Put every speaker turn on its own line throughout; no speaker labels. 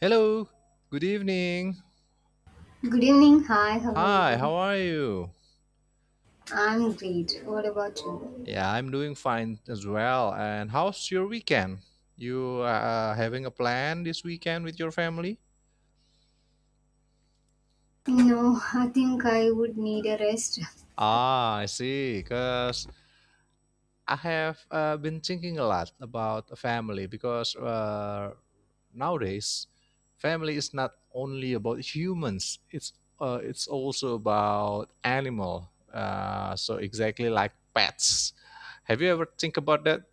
Hello, good evening.
Good evening. Hi, how are
Hi, how
you?
are you?
I'm great. What about you?
Yeah, I'm doing fine as well. And how's your weekend? You Having a plan this weekend with your family?
You know, I think I would need a rest.
Ah, I see. Because I have been thinking a lot about a family because nowadays, family is not only about humans. It's also about animal. So exactly like pets. Have you ever think about that?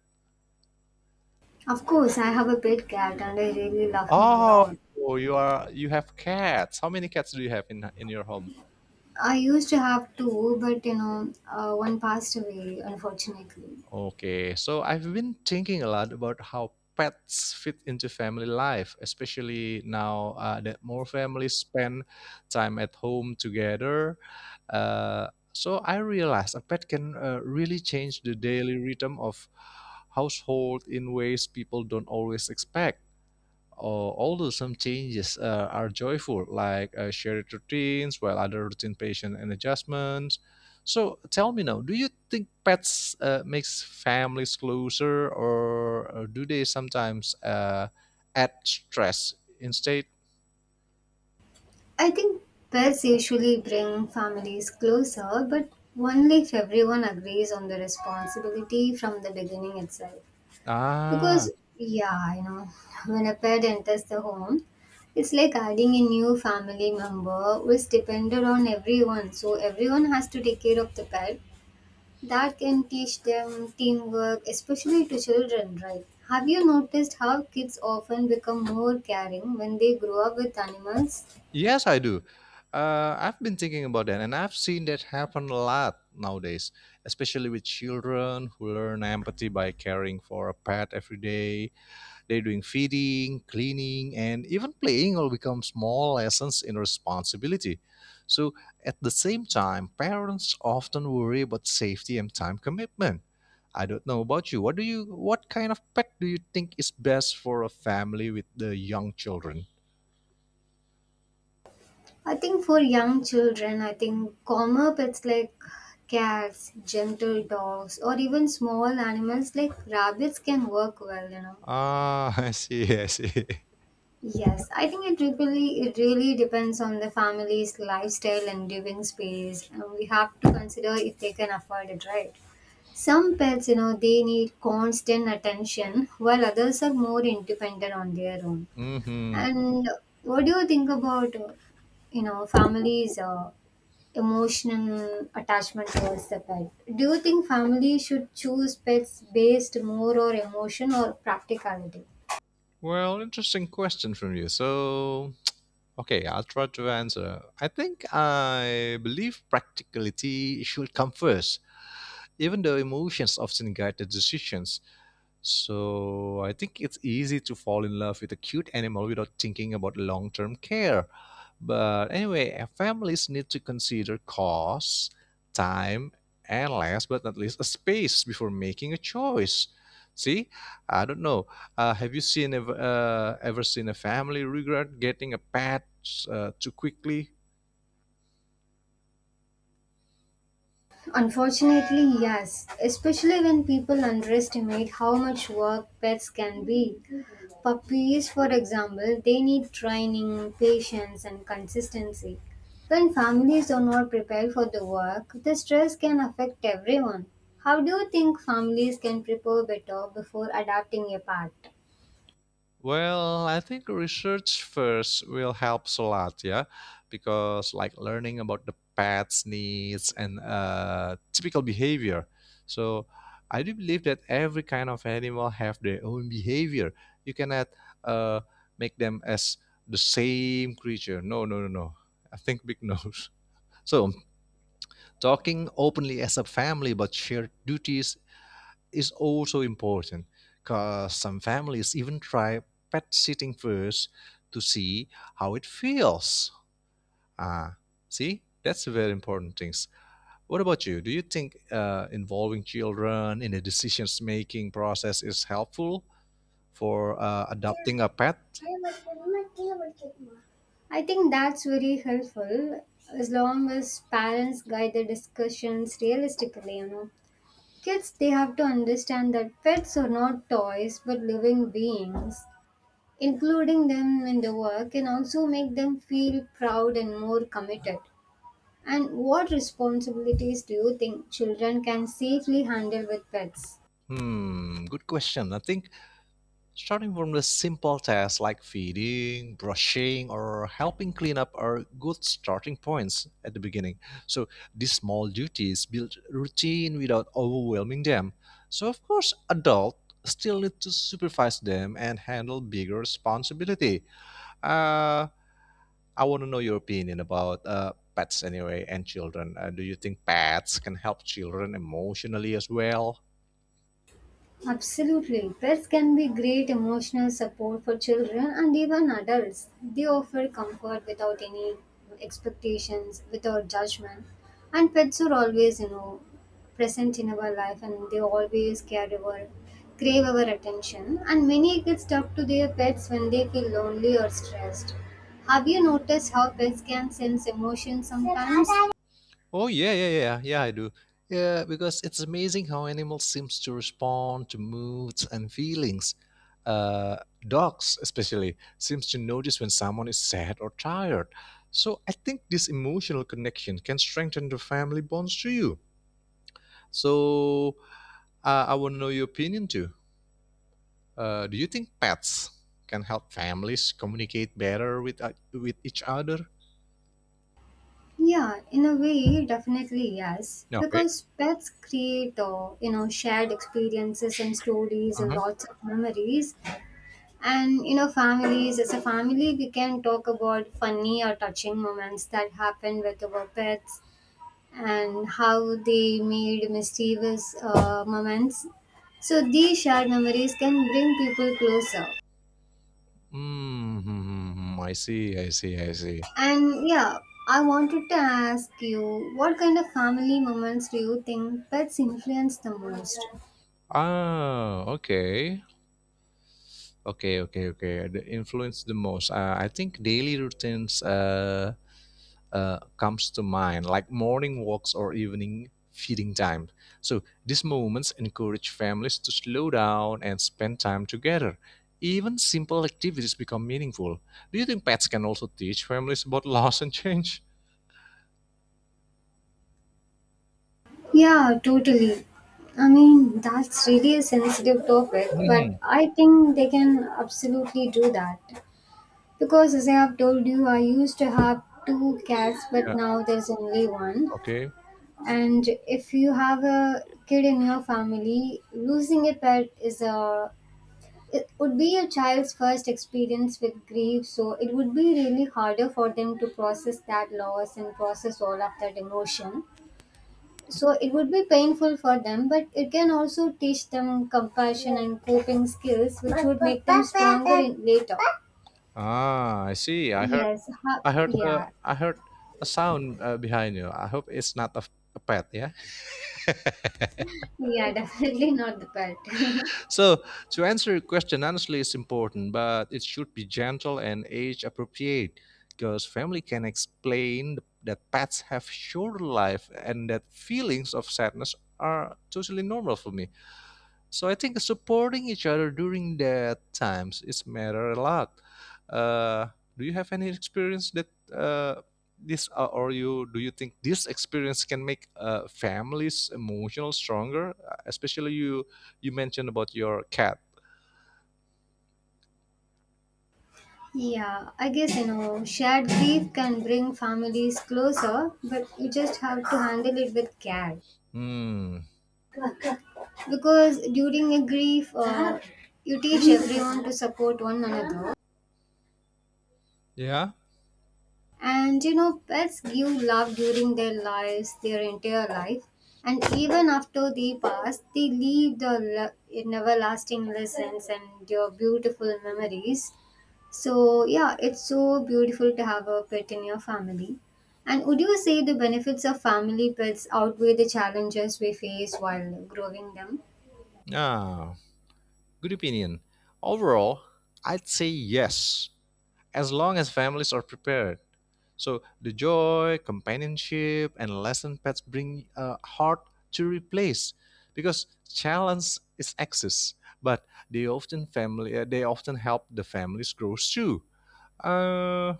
Of course, I have a pet cat and I really love him a
Oh,
lot.
you have cats. How many cats do you have in your home?
I used to have two, but you know, one passed away, unfortunately.
Okay, so I've been thinking a lot about how pets fit into family life, especially now that more families spend time at home together. So I realized a pet can really change the daily rhythm of household in ways people don't always expect. Or although some changes are joyful, like shared routines, while other routine patient and adjustments. So tell me now, do you think pets makes families closer, or, do they sometimes add stress instead?
I think pets usually bring families closer, but only if everyone agrees on the responsibility from the beginning itself. Because,
Ah,
yeah, you know, when a pet enters the home, it's like adding a new family member which depended on everyone. So everyone has to take care of the pet. That can teach them teamwork, especially to children, right? Have you noticed how kids often become more caring when they grow up with animals?
yes, I do. I've been thinking about that, and I've seen that happen a lot nowadays, especially with children who learn empathy by caring for a pet every day. They're doing feeding, cleaning, and even playing will become small lessons in responsibility. So, at the same time, parents often worry about safety and time commitment. I don't know about you. What do you what kind of pet do you think is best for a family with the young children?
I think for young children, I think calmer pets like cats, gentle dogs, or even small animals like rabbits can work well, you know.
Ah, I see, I see.
Yes, I think it really depends on the family's lifestyle and living space, and we have to consider if they can afford it, right? Some pets, you know, they need constant attention, while others are more independent on their own.
Hmm.
And what do you think about, you know, families' emotional attachment towards the pet? Do you think families should choose pets based more on emotion or practicality?
Well, interesting question from you. So, okay, I'll try to answer. I think I believe practicality should come first. Even the emotions often guide the decisions. So I think it's easy to fall in love with a cute animal without thinking about long term care. But anyway, families need to consider cost, time, and last but not least, a space before making a choice. See, I don't know. Uh, have you ever seen a family regret getting a pet too quickly?
Unfortunately, yes, especially when people underestimate how much work pets can be. Puppies, for example, they need training, patience, and consistency. When families are not prepared for the work, the stress can affect everyone. How do you think families can prepare better before adopting a pet?
Well, I think research first will help a lot, yeah, because like learning about the pet's needs and typical behavior. So I do believe that every kind of animal have their own behavior. You cannot uh, make them as the same creature. No, no, no, no. I think big nose. So talking openly as a family about shared duties is also important because some families even try pet sitting first to see how it feels. Ah, see, that's very important things. What about you? Do you think involving children in the decisions making process is helpful for adopting a pet?
I think that's very helpful as long as parents guide the discussions realistically, you know. Kids, they have to understand that pets are not toys but living beings. Including them in the work can also make them feel proud and more committed. And what responsibilities do you think children can safely handle with pets?
Hmm, good question. I think starting from the simple tasks like feeding, brushing, or helping clean up are good starting points at the beginning. So these small duties build routine without overwhelming them. So of course, adults still need to supervise them and handle bigger responsibility. Uh, I want to know your opinion about pets anyway and children. Do you think pets can help children emotionally as well?
Absolutely. Pets can be great emotional support for children and even adults. They offer comfort without any expectations, without judgment. And pets are always, you know, present in our life and they always care our crave our attention. And many kids talk to their pets when they feel lonely or stressed. Have you noticed how pets can sense emotions sometimes?
Oh yeah, yeah, yeah, yeah, yeah, I do. Yeah, because it's amazing how animals seems to respond to moods and feelings. Uh, Dogs, especially, seems to notice when someone is sad or tired. So I think this emotional connection can strengthen the family bonds to you. So I want to know your opinion too. Do you think pets can help families communicate better with each other?
Yeah, in a way, definitely yes.
Okay.
Because pets create, you know, shared experiences and stories and
Uh-huh.
lots of memories. And you know, families as a family, we can talk about funny or touching moments that happen with our pets and how they made mischievous moments. So these shared memories can bring people closer.
Mm-hmm. I see. I see. I see.
And yeah, I wanted to ask you what kind of family moments do you think pets influence the most?
Ah, okay. Okay, okay, okay. The influence the most. I think daily routines comes to mind, like morning walks or evening feeding time. So these moments encourage families to slow down and spend time together. Even simple activities become meaningful. Do you think pets can also teach families about loss and change?
Yeah, totally. I mean, that's really a sensitive topic, but
Hmm.
I think they can absolutely do that. Because as I have told you, I used to have two cats, but
Yeah.
now there's only one.
Okay.
And if you have a kid in your family, losing a pet is a it would be a child's first experience with grief, so it would be really harder for them to process that loss and process all of that emotion, so it would be painful for them, but it can also teach them compassion and coping skills, which would make them stronger in later.
Ah, I see. I heard.
Yes,
I heard a
yeah.
I heard a sound behind you. I hope it's not a a pet, yeah?
Yeah, definitely not the pet.
So, to answer your question, honestly, it's important, but it should be gentle and age appropriate because family can explain that pets have short life and that feelings of sadness are totally normal for me. So I think supporting each other during that times is matter a lot. Uh, do you have any experience that uh, this or you do you think this experience can make families emotional stronger? Especially you mentioned about your cat.
Yeah, I guess you know, shared grief can bring families closer, but you just have to handle it with care.
Hmm.
Because during a grief, you teach everyone to support one another,
Yeah.
and you know pets give love during their lives, their entire life, and even after they pass, they leave an everlasting lessons and your beautiful memories. So yeah, it's so beautiful to have a pet in your family. And would you say the benefits of family pets outweigh the challenges we face while growing them?
Ah. Good opinion. Overall, I'd say yes. As long as families are prepared. So the joy, companionship, and lesson pets bring hard to replace because challenge is access, but they often help the families grow too. Uh,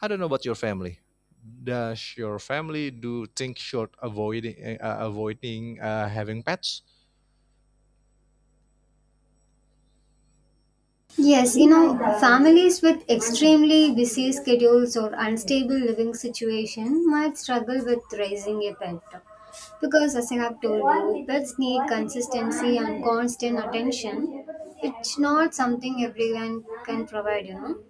I don't know about your family. Does your family do think short avoiding having pets?
Yes, you know, families with extremely busy schedules or unstable living situation might struggle with raising a pet. Because as I have told you, pets need consistency and constant attention. It's not something everyone can provide, you know.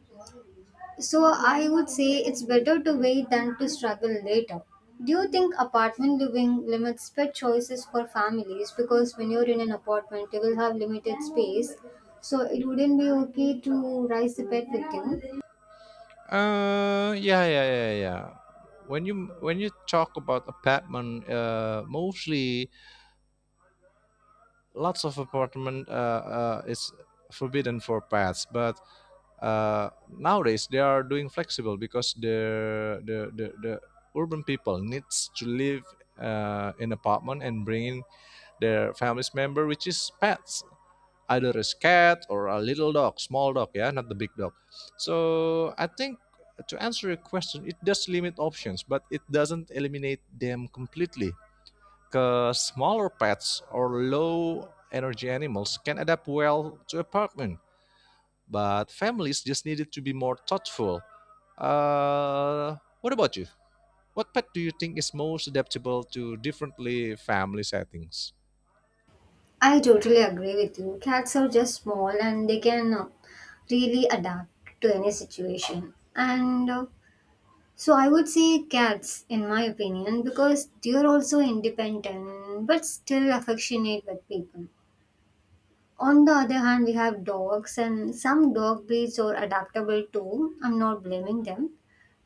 So I would say it's better to wait than to struggle later. Do you think apartment living limits pet choices for families? Because when you're in an apartment, you will have limited space, so it wouldn't be okay to raise the pet with you.
Yeah, yeah, yeah, yeah. When you talk about apartment, mostly lots of apartment is forbidden for pets, but nowadays they are doing flexible because the urban people needs to live in apartment and bring in their family's member, which is pets, either a cat or a little dog, small dog, yeah, not the big dog. So I think to answer your question, it does limit options, but it doesn't eliminate them completely. Smaller pets or low energy animals can adapt well to apartment, but families just needed to be more thoughtful. Uh, what about you? What pet do you think is most adaptable to differently family settings?
I totally agree with you. Cats are just small and they can really adapt to any situation. And so I would say cats, in my opinion, because they're also independent but still affectionate with people. On the other hand, we have dogs, and some dog breeds are adaptable too. I'm not blaming them,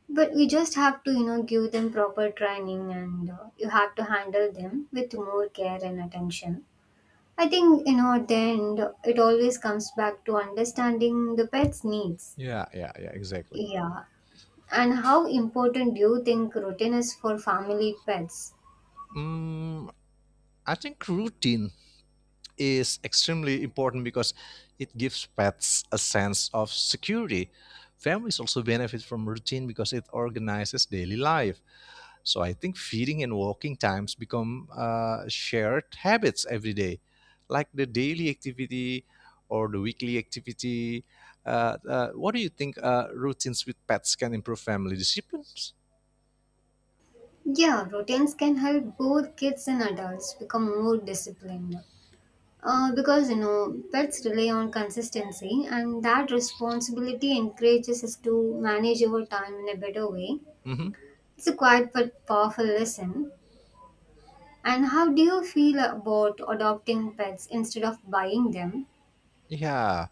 but we just have to, you know, give them proper training, and you have to handle them with more care and attention. I think, you know, at the end, it always comes back to understanding the pet's needs.
Yeah, yeah, yeah, exactly.
Yeah. And how important do you think routine is for family pets?
Mm, I think routine is extremely important because it gives pets a sense of security. Families also benefit from routine because it organizes daily life. So I think feeding and walking times become shared habits every day, like the daily activity or the weekly activity. What do you think routines with pets can improve family disciplines?
Yeah, routines can help both kids and adults become more disciplined. Because you know pets rely on consistency and that responsibility encourages us to manage our time in a better way.
Hmm.
It's a quiet but powerful lesson. And how do you feel about adopting pets instead of buying them?
Yeah,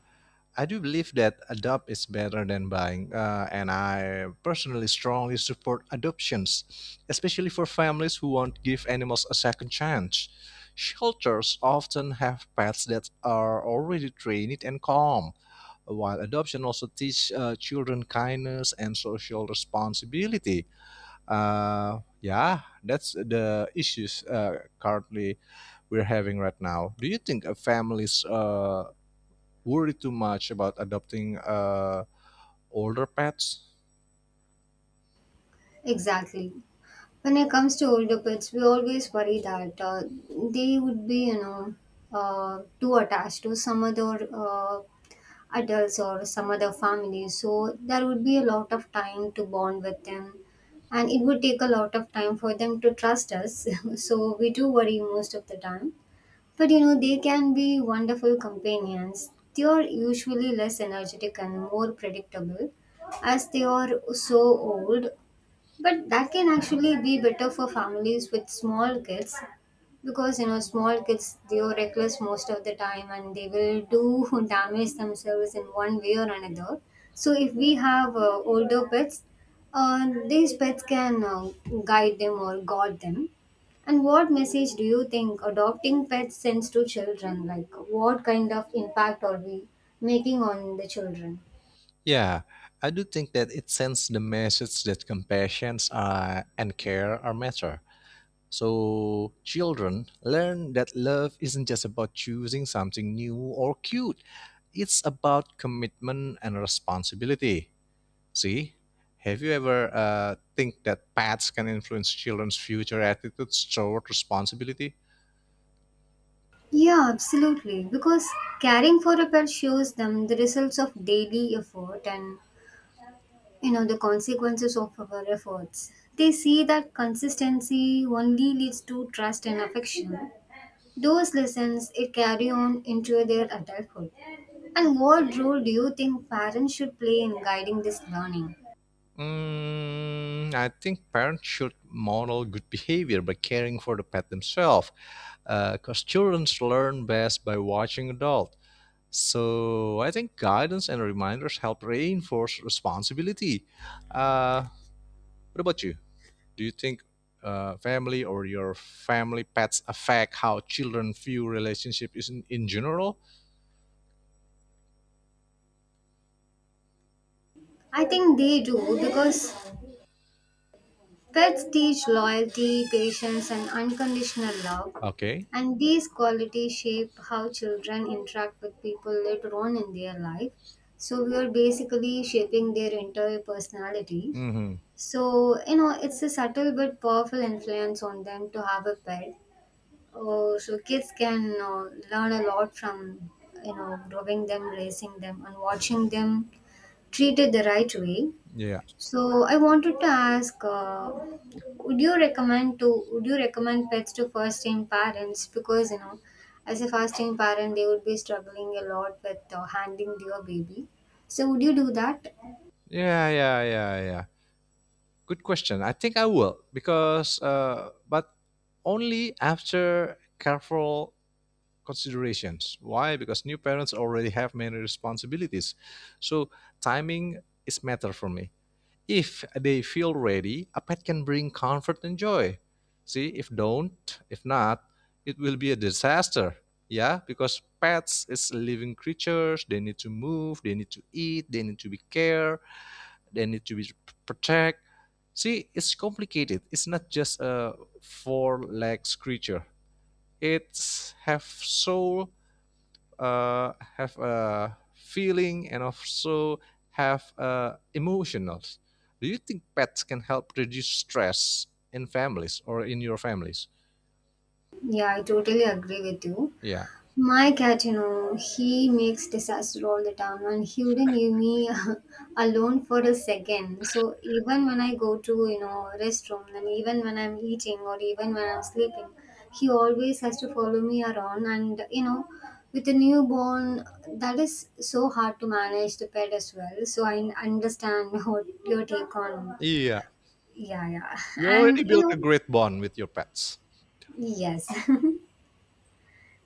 I do believe that adopt is better than buying, and I personally strongly support adoptions, especially for families who won't give animals a second chance. Shelters often have pets that are already trained and calm, while adoption also teach children kindness and social responsibility. Yeah, that's the issues currently we're having right now. Do you think families worry too much about adopting older pets.
Exactly. When it comes to older pets, we always worry that they would be, you know, too attached to some other adults or some other family, so there would be a lot of time to bond with them, and it would take a lot of time for them to trust us. So we do worry most of the time, but you know they can be wonderful companions. They are usually less energetic and more predictable as they are so old, but that can actually be better for families with small kids, because you know small kids, they are reckless most of the time and they will do damage themselves in one way or another. So if we have older pets, these pets can guide them or guard them. And what message do you think adopting pets sends to children? Like what kind of impact are we making on the children?
Yeah, I do think that it sends the message that compassion and care are matter. So children learn that love isn't just about choosing something new or cute. It's about commitment and responsibility. See, have you ever think that pets can influence children's future attitudes toward responsibility?
Yeah, absolutely. Because caring for a pet shows them the results of daily effort and you know the consequences of our efforts. They see that consistency only leads to trust and affection. Those lessons it carry on into their adulthood. And what role do you think parents should play in guiding this learning?
Mm, I think parents should model good behavior by caring for the pet themselves, because children learn best by watching adults. So I think guidance and reminders help reinforce responsibility. Uh, what about you? Do you think family or your family pets affect how children view relationship is in general?
I think they do because pets teach loyalty, patience, and unconditional love,
Okay.
and these qualities shape how children interact with people later on in their life. So, we are basically shaping their entire personality.
Mm-hmm.
So, you know, it's a subtle but powerful influence on them to have a pet. Oh, so, kids can learn a lot from, you know, growing them, raising them, and watching them treated the right way.
Yeah.
So I wanted to ask, would you recommend pets to first-time parents? Because you know, as a first-time parent, they would be struggling a lot with handling their baby. So would you do that?
Yeah. Yeah. Yeah. Yeah. Good question. I think I will because, but only after careful considerations. Why? Because new parents already have many responsibilities, so timing is matter for me. If they feel ready, a pet can bring comfort and joy. See, if don't, if not, it will be a disaster. Yeah, because pets is living creatures. They need to move. They need to eat. They need to be cared. They need to be protect. See, it's complicated. It's not just a four legs creature. It's have soul, have a feeling and also have emotionals. Do you think pets can help reduce stress in families or in your families?
Yeah, I totally agree with you.
Yeah.
My cat, you know, he makes disaster all the time and he wouldn't leave me alone for a second. So even when I go to, you know, restroom and even when I'm eating or even when I'm sleeping, he always has to follow me around and you know, with a newborn that is so hard to manage the pet as well. So I understand what your take on.
Yeah.
Yeah, yeah.
You
And
already
you
built
know,
a great bond with your pets.
yes.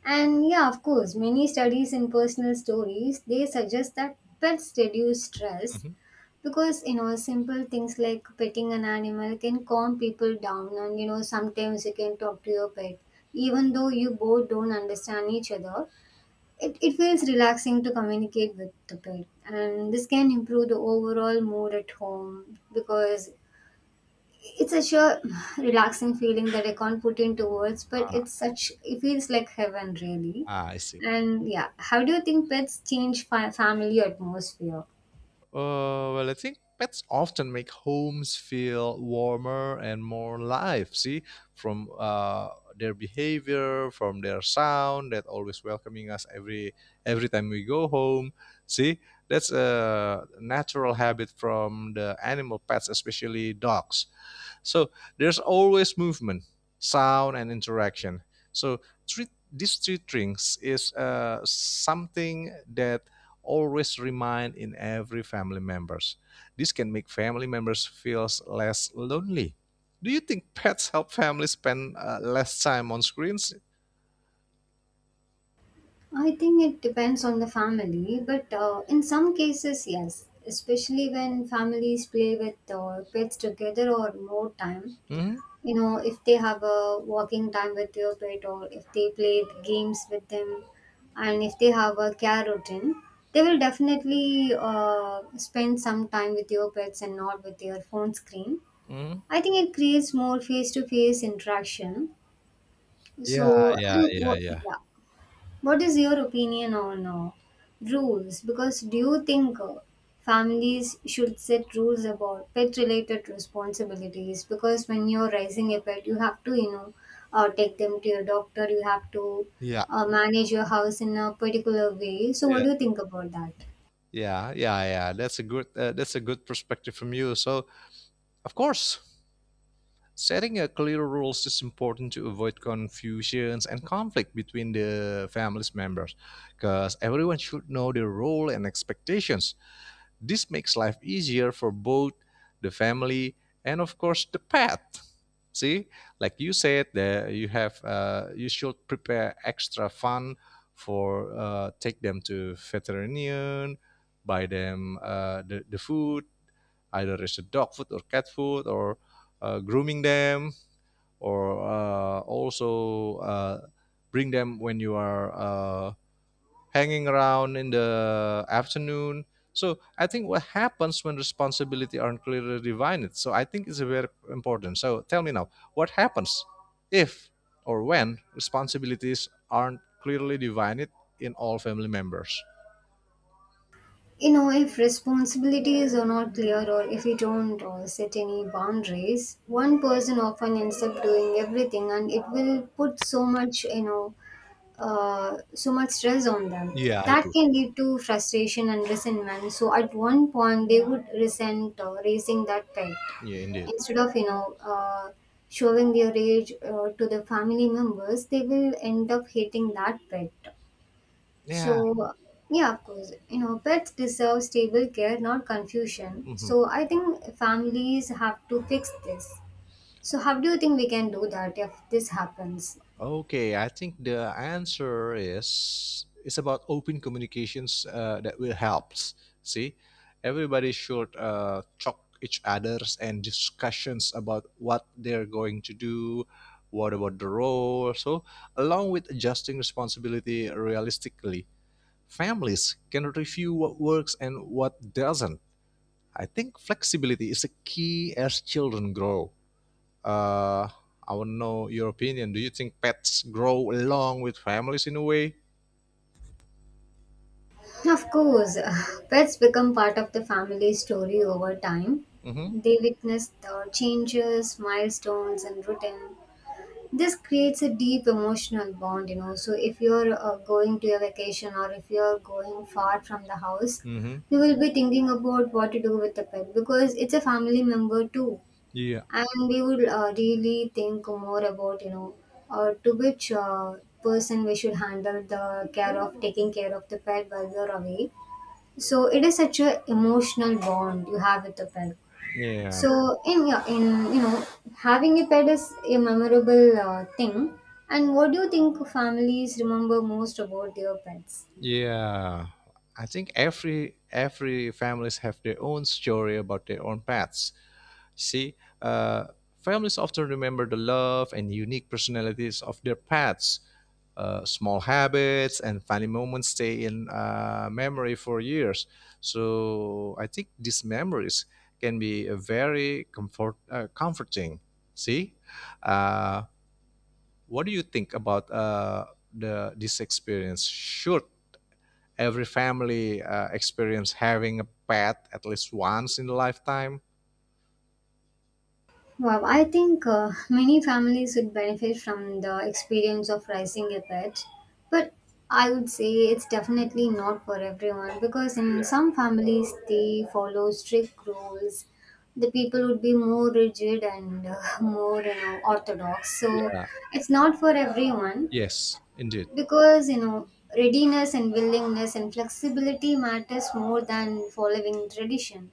And yeah, of course, many studies in personal stories they suggest that pets reduce stress
Mhm.
because you know simple things like petting an animal can calm people down, and you know sometimes you can talk to your pet even though you both don't understand each other. It feels relaxing to communicate with the pet, and this can improve the overall mood at home because it's a sure relaxing feeling that I can't put into words, but it feels like heaven really.
Ah, I see.
And yeah, how do you think pets change family atmosphere?
Well, I think pets often make homes feel warmer and more live. See, from their behavior, from their sound, that always welcoming us every time we go home. See, that's a natural habit from the animal pets, especially dogs. So there's always movement, sound, and interaction. So three, these three things is something that always remain in every family members. This can make family members feels less lonely. Do you think pets help families spend less time on screens?
I think it depends on the family, but in some cases, yes, especially when families play with pets together or more time.
Hmm.
You know, if they have a walking time with your pet or if they play games with them, and if they have a care routine, they will definitely spend some time with your pets and not with their phone screen.
Hmm.
I think it creates more face to face interaction. So
Yeah, yeah,
and
yeah, yeah,
what
yeah,
Yeah, what is your opinion on rules? Because do you think families should set rules about pet related responsibilities? Because when you're raising a pet, you have to, take them to your doctor, you have to
yeah,
manage your house in a particular way. So, what do you think about that?
yeah, yeah, yeah. That's a good. That's a good perspective from you. So, of course, setting a clear rules is important to avoid confusions and conflict between the family's members because everyone should know their role and expectations. This makes life easier for both the family and of course the pet. See, like you said that you have you should prepare extra fun for take them to veterinarian, buy them the food, either it's a dog food or cat food or grooming them or also bring them when you are hanging around in the afternoon. So I think what happens when responsibility aren't clearly divided. So I think it's very important. So tell me now, what happens if or when responsibilities aren't clearly divided in all family members?
You know, if responsibilities are not clear or if we don't set any boundaries, one person often ends up doing everything and it will put so much, so much stress on them.
Yeah, I
That
do.
can lead to frustration and resentment. So at one point, they would resent raising that pet
Yeah, indeed.
instead of showing their rage to the family members. They will end up hating that pet.
Yeah.
So yeah, of course, you know pets deserve stable care, not confusion.
Mhm.
So I think families have to fix this. So how do you think we can do that if this happens?
Okay, I think the answer is it's about open communications that will help. See, everybody should talk each others and discussions about what they're going to do, what about the role. So, along with adjusting responsibility realistically, families can review what works and what doesn't. I think flexibility is a key as children grow. Uh, I want to know your opinion. Do you think pets grow along with families in a way?
Of course, pets become part of the family story over time.
Mm-hmm.
They witness the changes, milestones, and routine. This creates a deep emotional bond, you know. So, if you're going to a vacation or if you're going far from the house,
Mm-hmm.
we will be thinking about what to do with the pet because it's a family member too.
Yeah.
And we would really think more about, to which person we should handle the care of taking care of the pet while we're away. So it is such a emotional bond you have with the pet.
Yeah.
So in you know having a pet is a memorable thing. And what do you think families remember most about their pets?
Yeah. I think every families have their own story about their own pets. See, uh, families often remember the love and unique personalities of their pets. Uh, small habits and funny moments stay in memory for years. So I think these memories can be a very comforting. See, uh, what do you think about the this experience? Should every family experience having a pet at least once in the lifetime.
Wow, I think many families would benefit from the experience of raising a pet, but I would say it's definitely not for everyone because in
Yeah,
some families they follow strict rules. The people would be more rigid and more you know orthodox. So
yeah.
it's not for everyone
Yes, indeed.
because you know readiness and willingness and flexibility matters more than following tradition.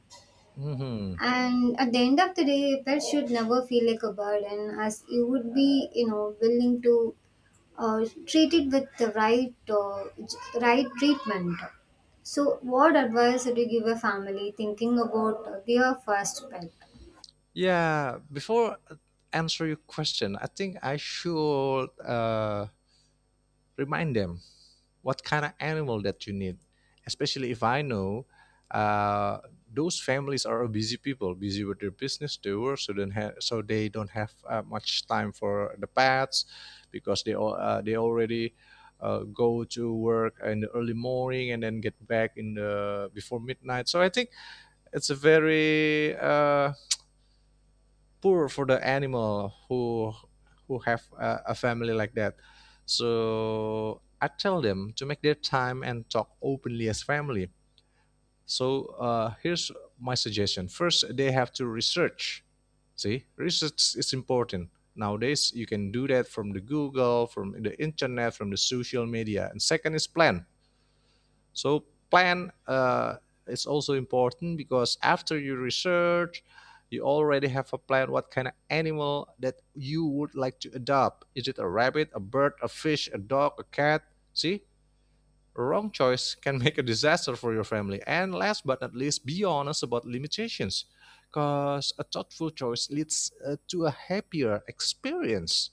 Hmm.
And at the end of the day, a pet should never feel like a burden, as you would be, you know, willing to treat it with the right, right treatment. So, what advice would you give a family thinking about their first pet?
Yeah, before answer your question, I think I should remind them what kind of animal that you need especially if I know uh, those families are busy people busy with their business their work so they don't have much time for the pets because they already go to work in the early morning and then get back in the before midnight so I think it's a very poor for the animal who have a family like that. So I tell them to make their time and talk openly as family. So here's my suggestion. First, they have to research. See, research is important. Nowadays, you can do that from the Google, from the internet, from the social media. And second is plan. So plan is also important because after you research, you already have a plan what kind of animal that you would like to adopt. Is it a rabbit, a bird, a fish, a dog, a cat? See, wrong choice can make a disaster for your family. And last but not least, be honest about limitations because a thoughtful choice leads to a happier experience.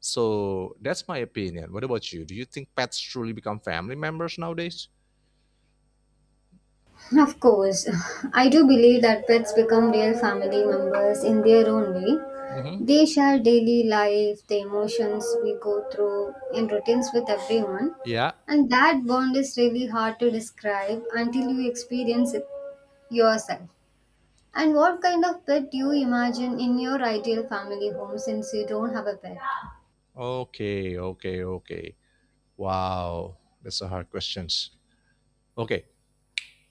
So that's my opinion. What about you? Do you think pets truly become family members nowadays?
Of course, I do believe that pets become real family members in their own way.
Mhm.
They share daily life, the emotions we go through, and routines with everyone.
Yeah.
And that bond is really hard to describe until you experience it yourself. And what kind of pet do you imagine in your ideal family home since you don't have a pet?
Okay. Okay. Okay. Wow. That's a hard questions. Okay.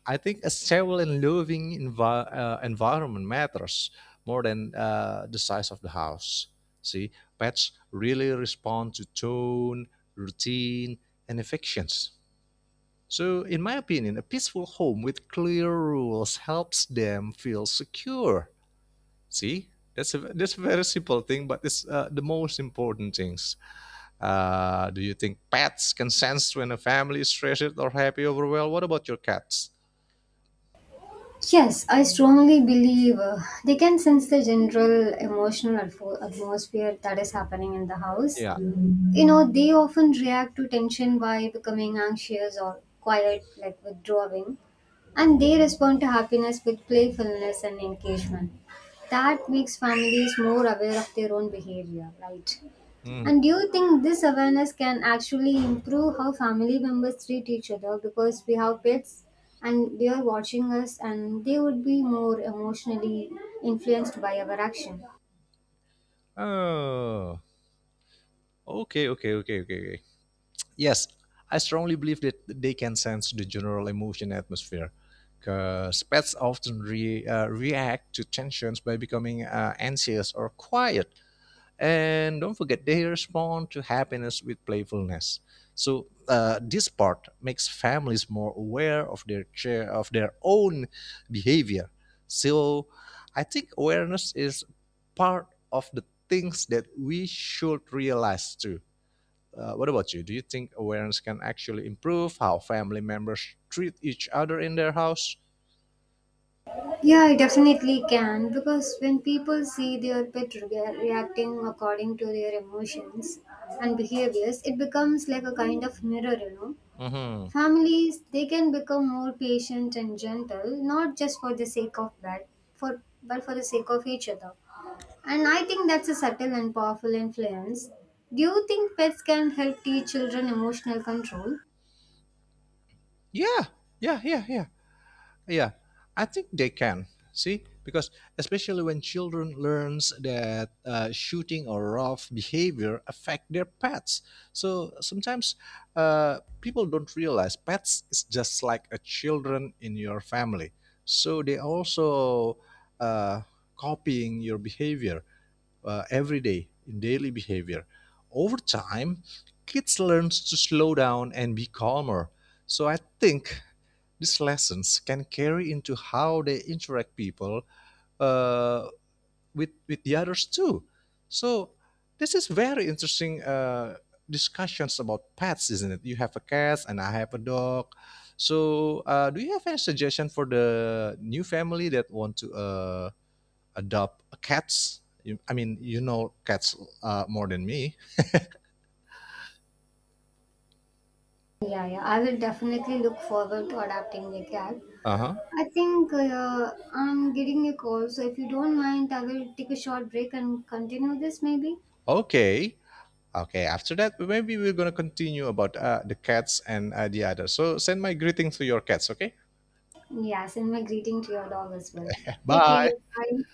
I think a stable and living environment matters more than the size of the house. See, pets really respond to tone, routine, and affections. So, in my opinion, a peaceful home with clear rules helps them feel secure. See, that's a very simple thing, but it's the most important things. Do you think pets can sense when a family is stressed or happy or overwhelmed? What about your cats?
Yes, I strongly believe they can sense the general emotional atmosphere that is happening in the house.
Yeah.
You know, they often react to tension by becoming anxious or quiet, like withdrawing, and they respond to happiness with playfulness and engagement. That makes families more aware of their own behavior, right?
Mm.
And do you think this awareness can actually improve how family members treat each other, because we have pets and they are watching us and they would be more emotionally influenced by our action?
Oh, okay, okay, okay, okay, okay. Yes, I strongly believe that they can sense the general emotion atmosphere. Because pets often react to tensions by becoming anxious or quiet. And don't forget they respond to happiness with playfulness so this part makes families more aware of their chair of their own behavior. So I think awareness is part of the things that we should realize too. What about you, do you think awareness can actually improve how family members treat each other in their house?
Yeah, I definitely can, because when people see their pet reacting according to their emotions and behaviors, it becomes like a kind of mirror, you know.
Hmm.
Families, they can become more patient and gentle, not just for the sake of that, for but for the sake of each other. And I think that's a subtle and powerful influence. Do you think pets can help teach children emotional control?
Yeah, yeah, yeah, yeah. Yeah, I think they can. See, because especially when children learns that shooting or rough behavior affect their pets. So sometimes people don't realize pets is just like a children in your family. So they also uh, copying your behavior every day in daily behavior. Over time, kids learns to slow down and be calmer. So I think these lessons can carry into how they interact people uh, with the others too. So this is very interesting discussions about pets, isn't it? You have a cat and I have a dog. So do you have any suggestion for the new family that want to adopt cats? You, I mean, you know cats more than me.
Yeah, yeah, I will definitely look forward to adopting a cat.
Uh huh.
I think I'm getting a call, so if you don't mind, I will take a short break and continue this maybe.
Okay. Okay, after that, maybe we're going to continue about the cats and the others. So send my greetings to your cats, okay?
Yes, and my greeting to your dog as well. Take care.
Bye.
Bye.